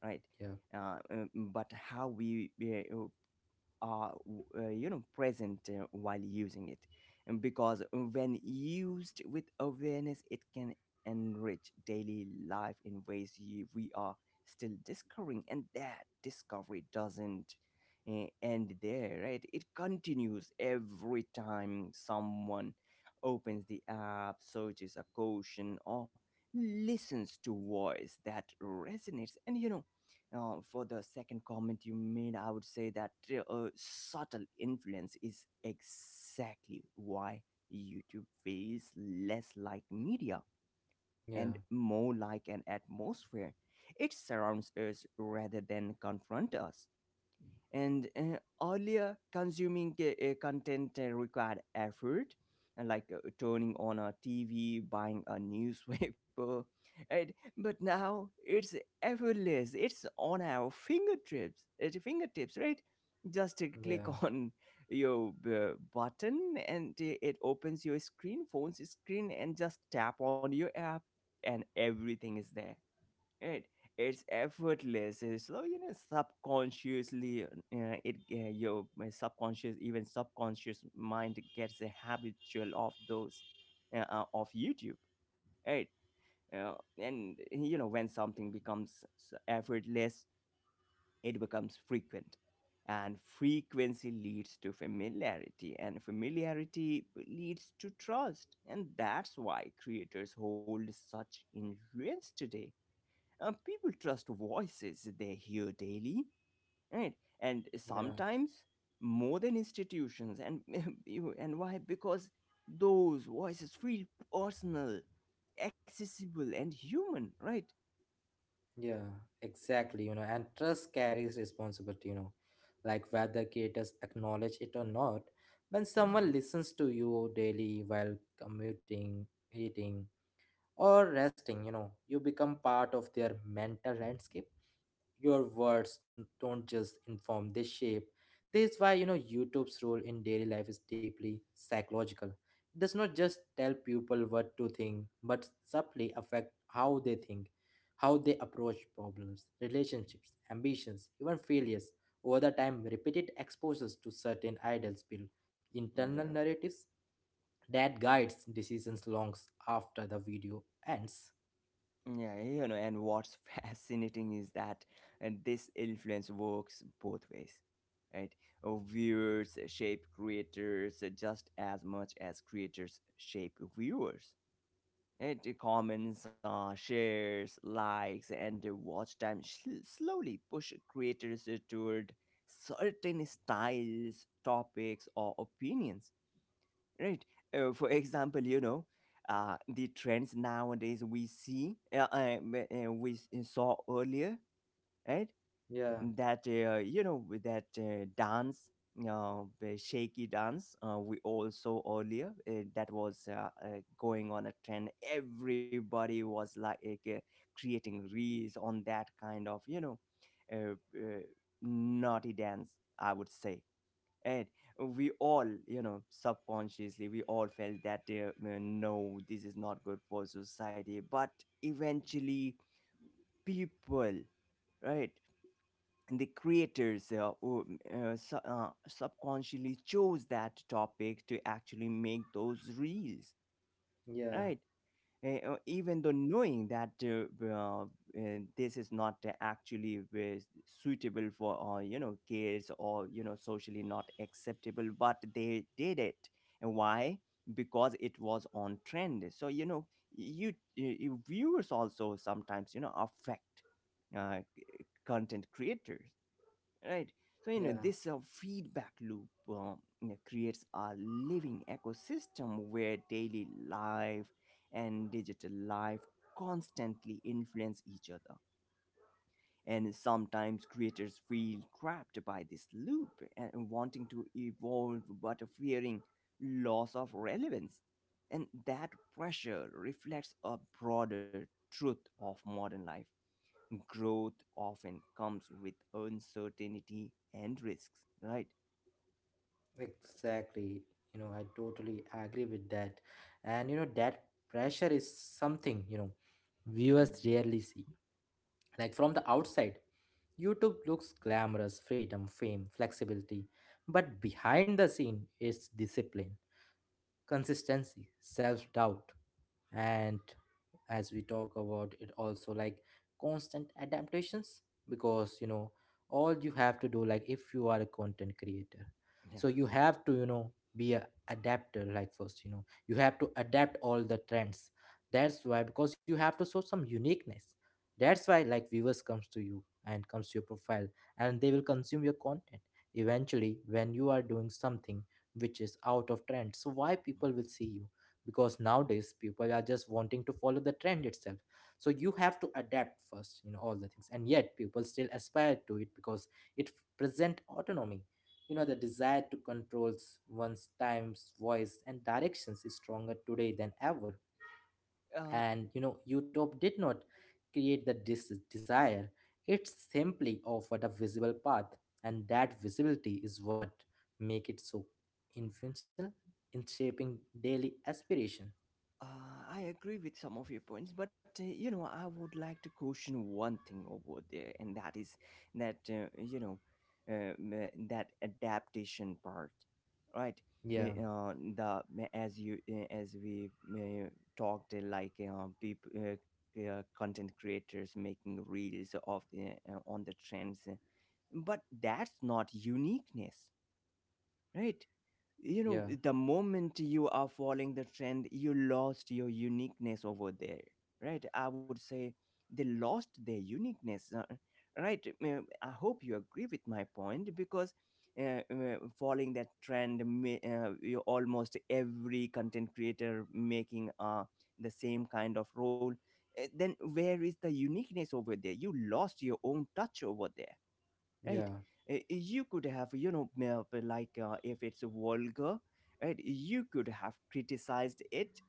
[SPEAKER 2] right?
[SPEAKER 1] Yeah,
[SPEAKER 2] But how we uh, you know, present while using it. And because when used with awareness it can enrich daily life in ways you, we are still discovering. And that discovery doesn't end there, right? It continues every time someone opens the app, searches a caution, or listens to voice that resonates. And you know, for the second comment you made, I would say that subtle influence is exactly why YouTube feels less like media
[SPEAKER 1] yeah,
[SPEAKER 2] and more like an atmosphere. It surrounds us rather than confront us. And earlier consuming, content required effort, and like turning on a TV, buying a newspaper, right? But now it's effortless, it's on our fingertips, at your fingertips, right? Just click
[SPEAKER 1] yeah,
[SPEAKER 2] on your button, and it opens your screen, phone's screen, and just tap on your app, and everything is there. Right. It's effortless. So you know, subconsciously, it your my subconscious, even subconscious mind gets a habitual of those, of YouTube, right? Uh, and you know, when something becomes effortless, it becomes frequent, and frequency leads to familiarity, and familiarity leads to trust, and that's why creators hold such influence today. People trust voices they hear daily, right? And
[SPEAKER 1] yeah.
[SPEAKER 2] sometimes more than institutions. And and why? Because those voices feel personal, accessible, and human, right?
[SPEAKER 1] Yeah, exactly. And trust carries responsibility, like whether creators acknowledge it or not. When someone
[SPEAKER 2] Mm.
[SPEAKER 1] listens to you daily while commuting, eating, or resting, you become part of their mental landscape. Your words don't just inform, they shape. This is why youtube's role in daily life is deeply psychological. It does not just tell people what to think, but subtly affect how they think, how they approach problems, relationships, ambitions, even failures. Over the time, repeated exposures to certain ideals build internal
[SPEAKER 2] Yeah.
[SPEAKER 1] narratives that guides decisions longs after the video ends.
[SPEAKER 2] Yeah, you know, and what's fascinating is that this influence works both ways, right? Viewers shape creators just as much as creators shape viewers. It comments, shares, likes, and the watch time slowly push creators toward certain styles, topics, or opinions. Right? For example, you know, the trends nowadays we see, we saw earlier, right?
[SPEAKER 1] Yeah,
[SPEAKER 2] That with that dance, the shaky dance we all saw earlier, that was going on a trend. Everybody was like uh, creating reels on that kind of uh, uh, naughty dance, I would say. And we all subconsciously we all felt that, no, this is not good for society. But eventually, people, right, the creators subconsciously chose that topic to actually make those reels,
[SPEAKER 1] yeah,
[SPEAKER 2] right. Even though knowing that, this is not actually suitable for, you know, kids, or, you know, socially not acceptable, but they did it. And why? Because it was on trend. So, you know, you viewers also sometimes, you know, affect uh, content creators, right. So
[SPEAKER 1] yeah.
[SPEAKER 2] this feedback loop, creates a living ecosystem where daily life and digital life constantly influence each other. And sometimes creators feel trapped by this loop, and wanting to evolve but fearing loss of relevance. And that pressure reflects a broader truth of modern life. Growth often comes with uncertainty and risks, right?
[SPEAKER 1] Exactly. I totally agree with that. And that pressure is something, viewers
[SPEAKER 2] Hmm.
[SPEAKER 1] rarely see. Like from the outside, YouTube looks glamorous: freedom, fame, flexibility. But behind the scene, it's discipline, consistency, self-doubt, and, as we talk about it also, like, constant adaptations. Because all you have to do, like, if you are a content creator, so
[SPEAKER 2] Yeah.
[SPEAKER 1] you have to be a adapter. Like, first you have to adapt all the trends, that's why, because you have to show some uniqueness. That's why like viewers comes to you and comes to your profile, and they will consume your content. Eventually when you are doing something which is out of trend, so why people will see
[SPEAKER 2] Mhm.
[SPEAKER 1] you? Because nowadays people are just wanting to follow the trend itself. So you have to adapt first, all the things, and yet people still aspire to it because it present autonomy. The desire to controls one's times, voice, and directions is stronger today than ever.
[SPEAKER 2] Uh,
[SPEAKER 1] And utop did not create the dis desire, it simply offered a visible path, and that visibility is what make it so influential in shaping daily aspiration.
[SPEAKER 2] I agree with some of your points, but, I would like to caution one thing over there, and that is that, that adaptation part, right?
[SPEAKER 1] Yeah,
[SPEAKER 2] Y- the as you as we talked, like, people, content creators making reels of the on the trends, but that's not uniqueness, right? You know,
[SPEAKER 1] yeah,
[SPEAKER 2] the moment you are following the trend, you lost your uniqueness over there, right, I would say. They lost their uniqueness, right. I hope you agree with my point, because, following that trend, you, almost every content creator making the same kind of role, then where is the uniqueness over there? You lost your own touch over there, right.
[SPEAKER 1] yeah,
[SPEAKER 2] You could have, you know, if it's vulgar, right, you could have criticized it,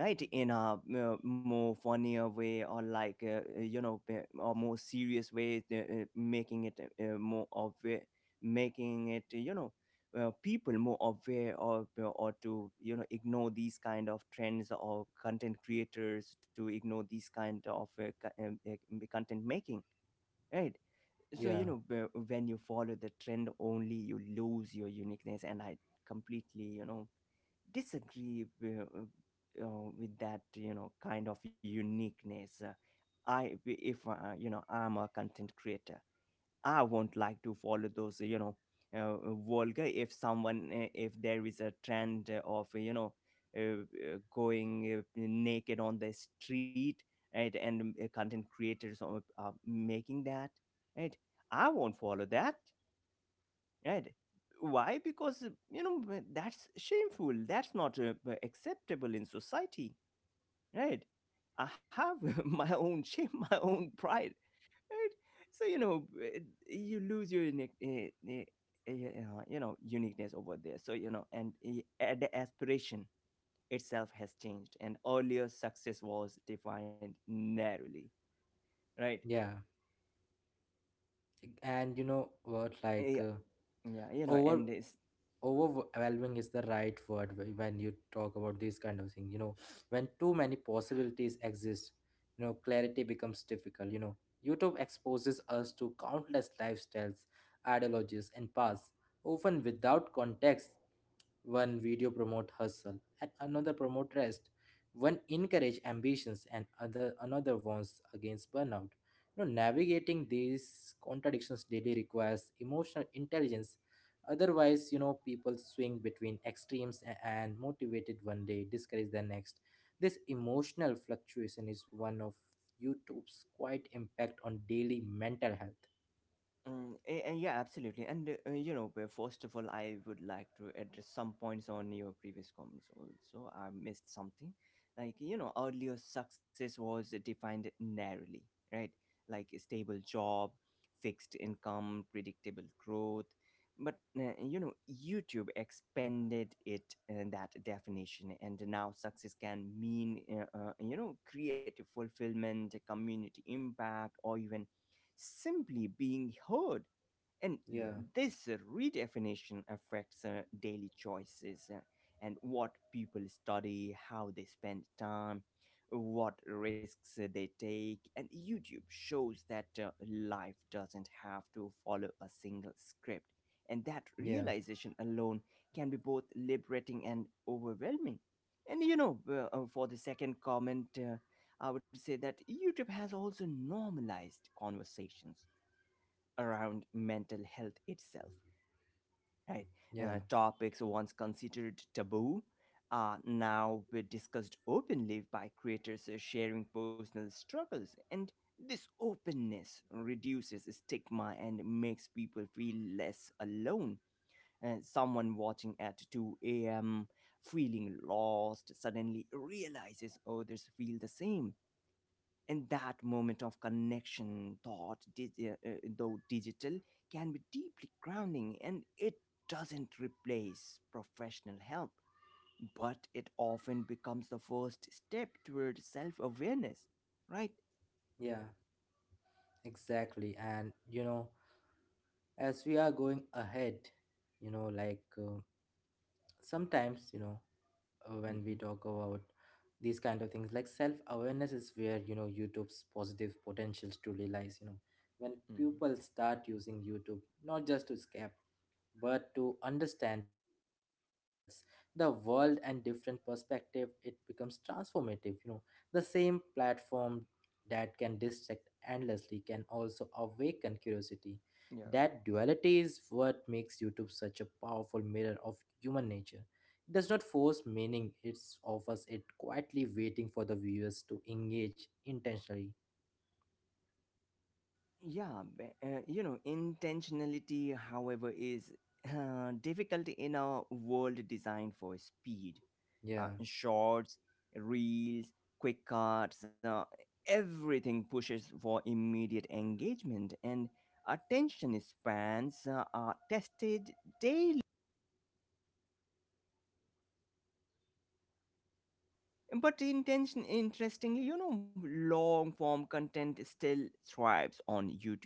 [SPEAKER 2] right, in a more funnier way, or like, or more serious way, making it more aware, making it, you know, people more aware of, or to, you know, ignore these kind of trends, or content creators to ignore these kind of content making, right. So, you
[SPEAKER 1] yeah,
[SPEAKER 2] know, when you follow the trend only, you lose your uniqueness. And I completely, you know, disagree with, uh, with that, you know, kind of uniqueness. I if you know I'm a content creator, I won't like to follow those, you know, vulgar. If there is a trend of, you know, going naked on the street, right, and content creators are making that, right, I won't follow that, right. Why? Because, that's shameful. That's not acceptable in society, right? I have my own shame, my own pride, right? So, you know, you lose your eh, uniqueness over there. So, you know, and the aspiration itself has changed, and earlier success was defined narrowly, right?
[SPEAKER 1] yeah. And you know what
[SPEAKER 2] Eh,
[SPEAKER 1] like
[SPEAKER 2] Yeah, yeah, you know,
[SPEAKER 1] over
[SPEAKER 2] and this.
[SPEAKER 1] overwhelming is the right word when you talk about these kind of things. When too many possibilities exist, clarity becomes difficult. YouTube exposes us to countless lifestyles, ideologies, and paths, often without context. One video promote hustle and another promote rest. One encourage ambitions and other another warns against burnout. You know, navigating these contradictions daily requires emotional intelligence. Otherwise, people swing between extremes, and motivated one day, discouraged the next. This emotional fluctuation is one of YouTube's quite impact on daily mental health.
[SPEAKER 2] Mm, and yeah, absolutely. And, first of all, I would like to address some points on your previous comments. Also, I missed something. Like, you know, earlier success was defined narrowly, right? Like a stable job, fixed income, predictable growth. But, YouTube expanded it that definition, and now success can mean, creative fulfillment, community impact, or even simply being heard. And
[SPEAKER 1] Yeah,
[SPEAKER 2] this redefinition affects daily choices, and what people study, how they spend time, what risks they take. And YouTube shows that, life doesn't have to follow a single script. And that
[SPEAKER 1] yeah,
[SPEAKER 2] realization alone can be both liberating and overwhelming. And, for the second comment, I would say that YouTube has also normalized conversations around mental health itself, right?
[SPEAKER 1] yeah,
[SPEAKER 2] Topics once considered taboo are now be discussed openly by creators sharing personal struggles, and this openness reduces stigma and makes people feel less alone. And someone watching at 2 a.m., feeling lost, suddenly realizes others feel the same, and that moment of connection, though digital, can be deeply grounding, and it doesn't replace professional help, but it often becomes the first step toward self-awareness, right.
[SPEAKER 1] yeah, exactly. And as we are going ahead, you know like uh, sometimes when we
[SPEAKER 2] Mm-hmm.
[SPEAKER 1] talk about these kind of things, like, self awareness is where youtube's positive potentials truly lies. When
[SPEAKER 2] Mm-hmm.
[SPEAKER 1] people start using youtube not just to escape but to understand, to learn about themselves, the world, and different perspective, it becomes transformative. The same platform that can distract endlessly can also awaken curiosity.
[SPEAKER 2] Yeah.
[SPEAKER 1] That duality is what makes YouTube such a powerful mirror of human nature. It does not force meaning, it offers it quietly, waiting for the viewers to engage intentionally.
[SPEAKER 2] Yeah, intentionality, however, is difficult in a world designed for speed.
[SPEAKER 1] Yeah.
[SPEAKER 2] Shorts, reels, quick cuts, everything pushes for immediate engagement, and attention spans are tested. But intention, interestingly, you know, long form content still thrives on YouTube.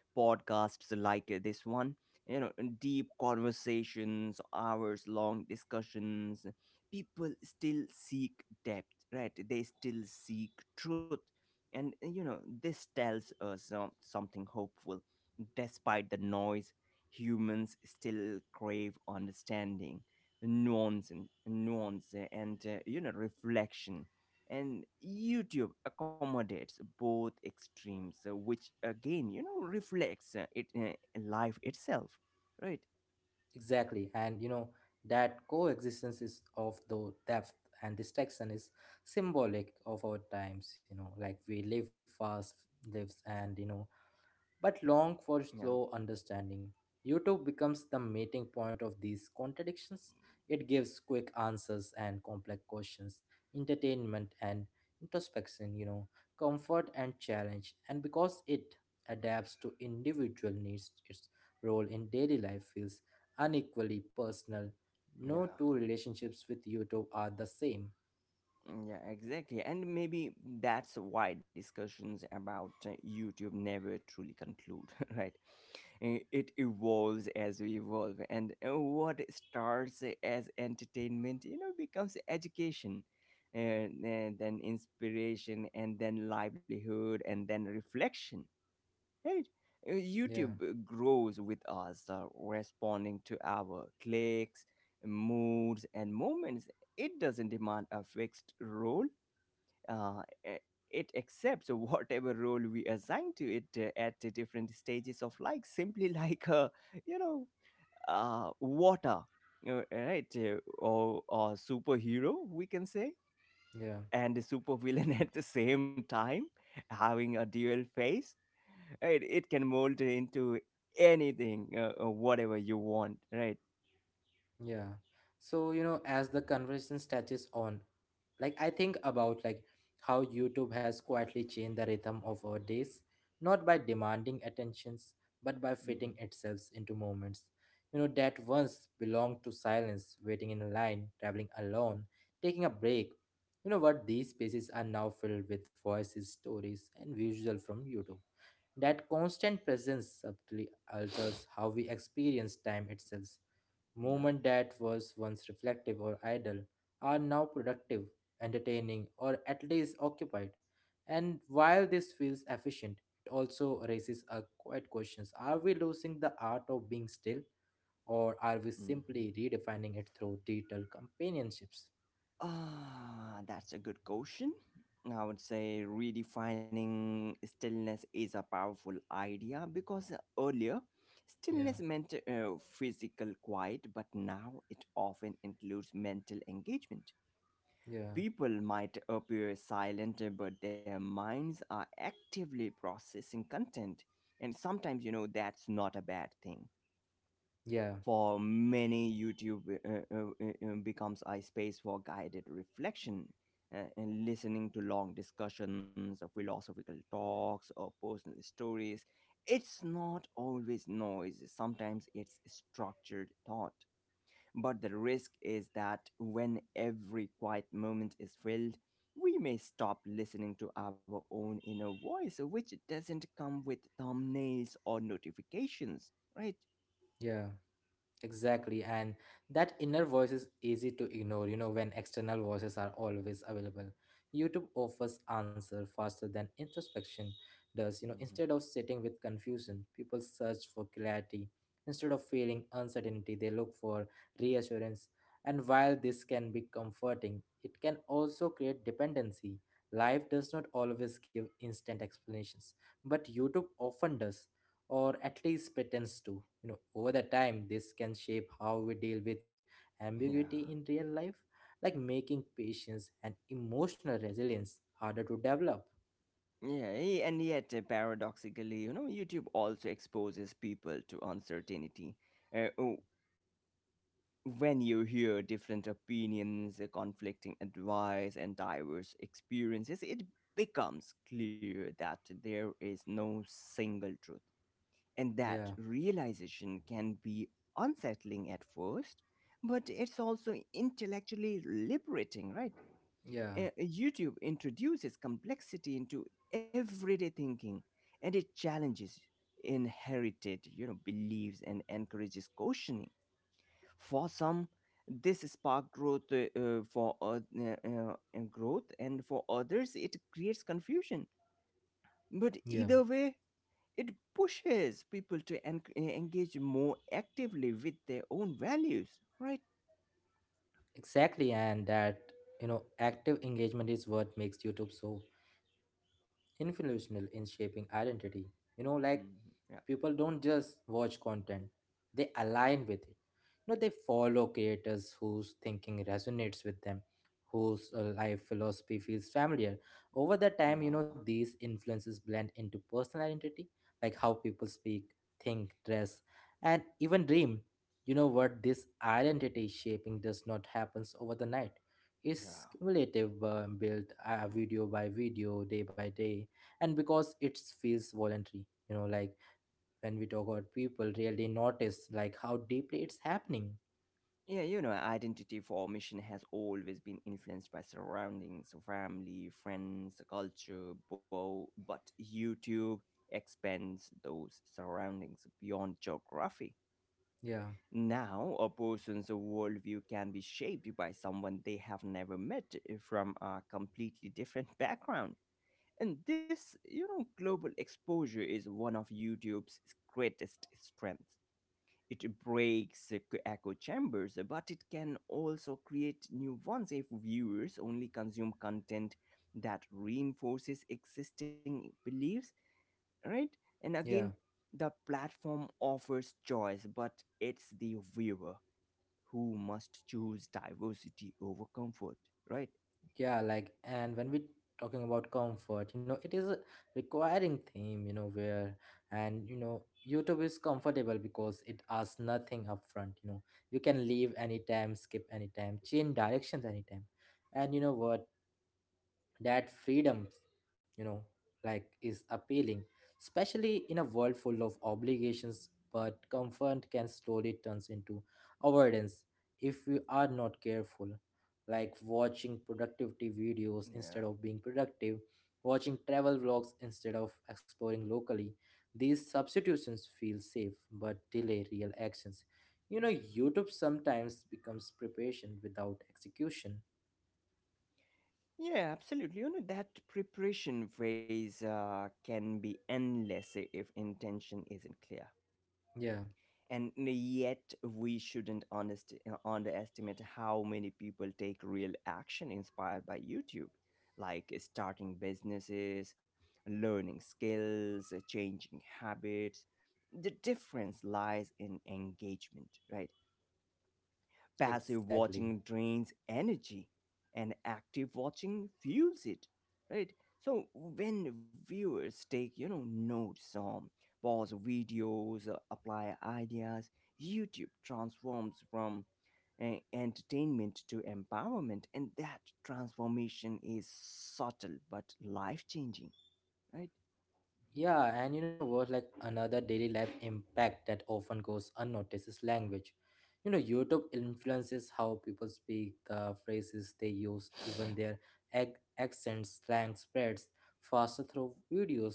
[SPEAKER 2] Podcasts like this one, you know, deep conversations, hours long discussions. People still seek depth, right? They still seek truth. And, you know, this tells us something hopeful. Despite the noise, humans still crave understanding, nuance and nuance, and, you know, reflection. And YouTube accommodates both extremes, which again, you know, reflects it life itself, right.
[SPEAKER 1] Exactly. And that coexistence is of the depth and distraction is symbolic of our times, like, we live fast lives and but long for
[SPEAKER 2] Yeah,
[SPEAKER 1] slow understanding. YouTube becomes the meeting point of these contradictions. It gives quick answers and complex questions, entertainment and introspection, comfort and challenge. And because it adapts to individual needs, its role in daily life feels unequally personal. No
[SPEAKER 2] yeah.
[SPEAKER 1] two relationships with YouTube are the same.
[SPEAKER 2] Mm. Yeah, exactly. And maybe that's why discussions about YouTube never truly conclude, right? It evolves as we evolve. And, what starts as entertainment, you know, becomes education, and then inspiration, and then livelihood, and then reflection, right?
[SPEAKER 1] Yeah,
[SPEAKER 2] YouTube grows with us, responding to our clicks, moods, and moments. It doesn't demand a fixed role. Uh, i- it accepts whatever role we assign to it at the different stages of life, simply, like, you know water, right, or superhero, we can say.
[SPEAKER 1] yeah.
[SPEAKER 2] And a supervillain at the same time, having a dual face. It can mold into anything, whatever you want, right.
[SPEAKER 1] Yeah. So, as the conversation stretches on, like, I think about, like, how YouTube has quietly changed the rhythm of our days, not by demanding attentions, but by fitting
[SPEAKER 2] Hmm.
[SPEAKER 1] itself into moments. That once belonged to silence, waiting in a line, traveling alone, taking a break. You know what? These spaces are now filled with voices, stories, and visuals from YouTube. That constant presence subtly alters how we experience time itself.
[SPEAKER 2] Yeah.
[SPEAKER 1] Movement that was once reflective or idle are now productive, entertaining, or at least occupied. And while this feels efficient, it also raises a quiet questions. Are we losing the art of being still, or are we
[SPEAKER 2] Hmm.
[SPEAKER 1] simply redefining it through digital companionships?
[SPEAKER 2] Ah, that's a good question. I would say redefining stillness is a powerful idea, because earlier stillness
[SPEAKER 1] Yeah,
[SPEAKER 2] meant physical quiet, but now it often includes mental engagement.
[SPEAKER 1] yeah,
[SPEAKER 2] People might appear silent, but their minds are actively processing content. And sometimes, you know, that's not a bad thing.
[SPEAKER 1] yeah,
[SPEAKER 2] For many, YouTube becomes a space for guided reflection, and listening to long discussions, or philosophical talks, or personal stories. It's not always noise, sometimes it's structured thought. But the risk is that when every quiet moment is filled, we may stop listening to our own inner voice, which doesn't come with thumbnails or notifications, right?
[SPEAKER 1] yeah. Exactly, and that inner voice is easy to ignore, when external voices are always available. YouTube offers answer faster than introspection does.
[SPEAKER 2] Mhm.
[SPEAKER 1] Instead of sitting with confusion, people search for clarity. Instead of feeling uncertainty, they look for reassurance. And while this can be comforting, it can also create dependency. Life does not always give instant explanations, but YouTube often does, or at least pretends to. Over the time, this can shape how we deal with ambiguity
[SPEAKER 2] Yeah.
[SPEAKER 1] in real life, like making patience and emotional resilience harder to develop.
[SPEAKER 2] Yeah, and yet, paradoxically, you know, YouTube also exposes people to uncertainty. Uh, oh, when you hear different opinions, conflicting advice, and diverse experiences, it becomes clear that there is no single truth. And that
[SPEAKER 1] Yeah,
[SPEAKER 2] realization can be unsettling at first, but it's also intellectually liberating, right?
[SPEAKER 1] yeah,
[SPEAKER 2] YouTube introduces complexity into everyday thinking, and it challenges inherited, you know, beliefs and encourages questioning. For some, this spark growth, growth, and for others it creates confusion. But
[SPEAKER 1] yeah,
[SPEAKER 2] either way, it pushes people to engage more actively with their own values, right?
[SPEAKER 1] exactly. And that, active engagement is what makes YouTube so influential in shaping identity. You know, like,
[SPEAKER 2] Mhm. Yeah.
[SPEAKER 1] people don't just watch content, they align with it, you know, they follow creators whose thinking resonates with them, whose life philosophy feels familiar. Over the time, you know,
[SPEAKER 2] Yeah,
[SPEAKER 1] these influences blend into personal identity, like how people speak, think, dress, and even dream. You know what, this identity shaping does not happens over the night. It's
[SPEAKER 2] yeah,
[SPEAKER 1] cumulative, built video by video, day by day. And because it feels voluntary, you know, like, when we talk about, people really notice like how deeply it's happening.
[SPEAKER 2] yeah, you know, identity formation has always been influenced by surroundings, family, friends, culture, but YouTube expands those surroundings beyond geography.
[SPEAKER 1] Yeah,
[SPEAKER 2] Now, a person's worldview can be shaped by someone they have never met, from a completely different background. And this, you know, global exposure is one of YouTube's greatest strengths. It breaks echo chambers, but it can also create new ones if viewers only consume content that reinforces existing beliefs, right? And again,
[SPEAKER 1] yeah,
[SPEAKER 2] the platform offers choice, but it's the viewer who must choose diversity over comfort, right?
[SPEAKER 1] yeah, like, and when we talking about comfort, you know, it is a requiring theme, you know, where, and you know, YouTube is comfortable because it asks nothing upfront, you know. You can leave anytime, skip anytime, change directions anytime. And you know what, that freedom, you know, like, is appealing, especially in a world full of obligations. But comfort can slowly turns into avoidance if we are not careful, like watching productivity videos
[SPEAKER 2] Yeah.
[SPEAKER 1] instead of being productive, watching travel vlogs instead of exploring locally. These substitutions feel safe but delay real actions, you know. YouTube sometimes becomes preparation without execution.
[SPEAKER 2] Yeah, absolutely. You know, that preparation phase can be endless if intention isn't clear.
[SPEAKER 1] Yeah,
[SPEAKER 2] And yet, we shouldn't underestimate how many people take real action inspired by YouTube, like starting businesses, learning skills, changing habits. The difference lies in engagement, right? Passive
[SPEAKER 1] exactly.
[SPEAKER 2] watching drains energy, and active watching fuels it, right? So when viewers take, you know, notes, pause videos, apply ideas, YouTube transforms from entertainment to empowerment, and that transformation is subtle but life changing, right.
[SPEAKER 1] Yeah, and you know what? Like, another daily life impact that often goes unnoticed is language. You know, YouTube influences how people speak, the phrases they use, even their accents. Slang spreads faster through videos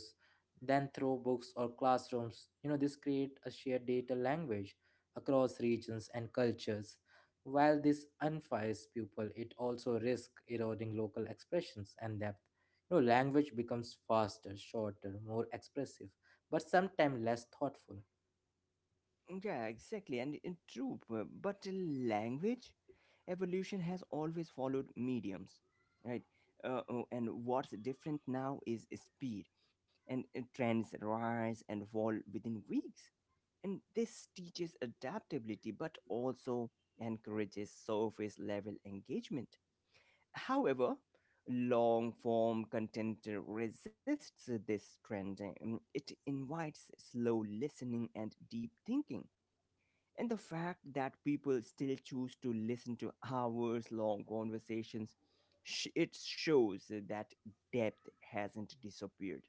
[SPEAKER 1] than through books or classrooms. You know, this create a shared data language across regions and cultures. While this unifies people, it also risks eroding local expressions and depth. No, language becomes faster, shorter, more expressive, but sometimes less thoughtful.
[SPEAKER 2] Yeah, exactly, and, in true. But language evolution has always followed mediums, right? Oh, and what's different now is speed, and, trends rise and fall within weeks. And this teaches adaptability, but also encourages surface level engagement. However, long form content resists this trend, and it invites slow listening and deep thinking. And the fact that people still choose to listen to hours long conversations, it shows that depth hasn't disappeared.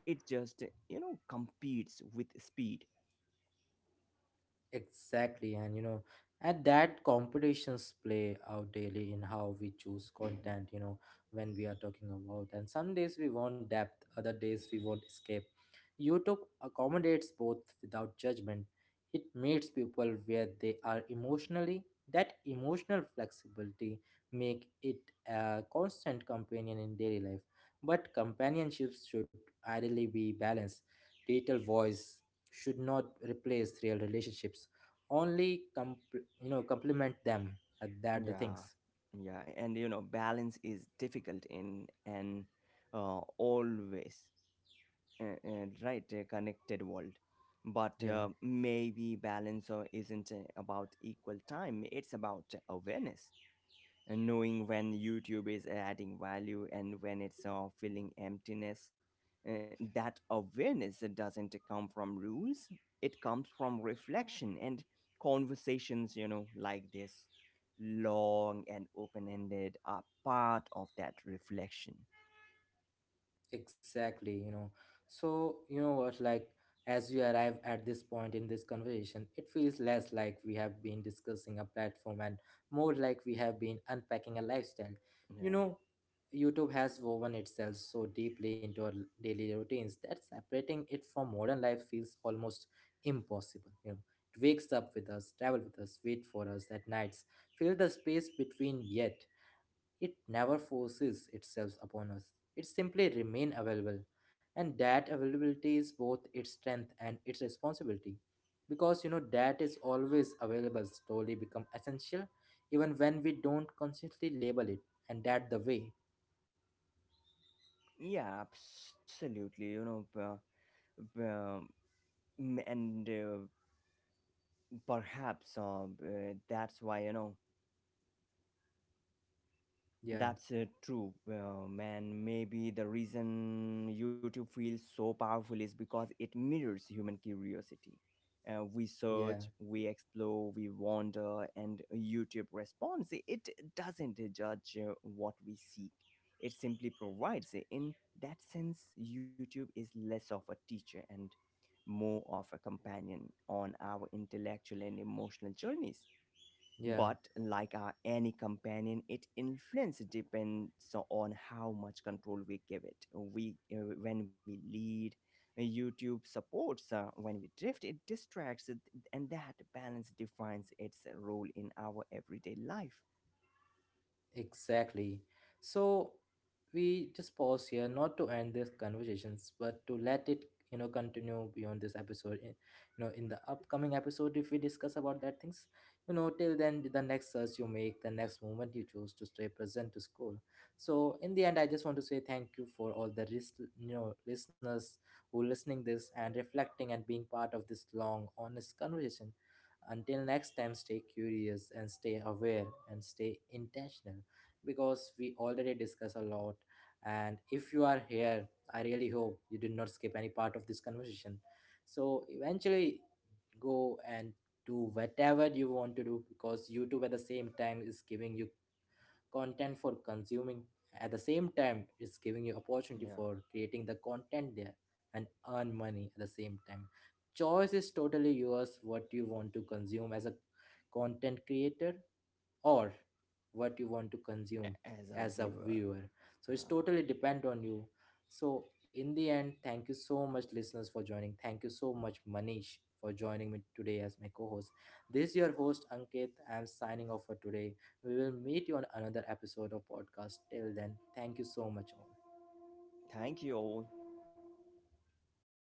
[SPEAKER 2] It just, you know, competes with speed.
[SPEAKER 1] Exactly, and you know, and that competitions play out daily in how we choose content,
[SPEAKER 2] Hmm.
[SPEAKER 1] you know, when we are talking about. And some days we want depth, other days we want escape. YouTube accommodates both without judgment. It meets people where they are emotionally. That emotional flexibility make it a constant companion in daily life. But companionships should ideally be balanced. Digital voice should not replace real relationships. Only you know, complement them. That the
[SPEAKER 2] Yeah,
[SPEAKER 1] things.
[SPEAKER 2] yeah. And, you know, balance is difficult in an, always, right, connected world. But,
[SPEAKER 1] Yeah.
[SPEAKER 2] maybe balance isn't about equal time, it's about awareness, and knowing when YouTube is adding value and when it's filling emptiness. That awareness doesn't come from rules, it comes from reflection and conversations, you know, like this. Long and open ended are part of that reflection.
[SPEAKER 1] Exactly, you know. So, you know what, like, as we arrive at this point in this conversation, it feels less like we have been discussing a platform and more like we have been unpacking a lifestyle. You
[SPEAKER 2] Yeah.
[SPEAKER 1] know, YouTube has woven itself so deeply into our daily routines that separating it from modern life feels almost impossible. You know, it wakes up with us, travel with us, wait for us at nights, fill the space between yet. It never forces itself upon us. It simply remains available. And that availability is both its strength and its responsibility. Because you know that is always available slowly become essential even when we don't consciously label it. And that the way.
[SPEAKER 2] Yeah, absolutely. You know, b- and perhaps, that's why, you know,
[SPEAKER 1] Yeah.
[SPEAKER 2] that's true, man. Maybe the reason YouTube feels so powerful is because it mirrors human curiosity. We
[SPEAKER 1] Yeah.
[SPEAKER 2] search, we explore, we wander, and YouTube responds. It doesn't judge what we seek, it simply provides. In that sense, YouTube is less of a teacher and more of a companion on our intellectual and emotional journeys.
[SPEAKER 1] Yeah.
[SPEAKER 2] But like any companion, its influence depends on how much control we give it. We When we lead, YouTube supports. When we drift, it distracts, and that balance defines its role in our everyday life.
[SPEAKER 1] Exactly. So we just pause here, not to end these conversations, but to let it, you know, continue beyond this episode. You know, in the upcoming episode, if we discuss about that things, you know, till then, the next search you make, the next moment you choose to stay present to school. So in the end, I just want to say thank you for all the you know, listeners who listening this and reflecting and being part of this long, honest conversation. Until next time, stay curious and stay aware and stay intentional, because we already discuss a lot. And if you are here, I really hope you did not skip any part of this conversation. So eventually, go and do whatever you want to do, because YouTube at the same time is giving you content for consuming. At the same time, it's giving you opportunity
[SPEAKER 2] Yeah,
[SPEAKER 1] for creating the content there and earn money at the same time. Choice is totally yours, what you want to consume as a content creator, or what you want to consume
[SPEAKER 2] as a
[SPEAKER 1] as a
[SPEAKER 2] viewer.
[SPEAKER 1] viewer. So it's
[SPEAKER 2] Uh,
[SPEAKER 1] totally depend on you. So in the end, thank you so much listeners for joining. Thank you so much Manish for joining me today as my co-host. This is your host Ankit, I'm signing off for today. We will meet you on another episode of podcast. Till then, thank you so much all.
[SPEAKER 2] Thank you all.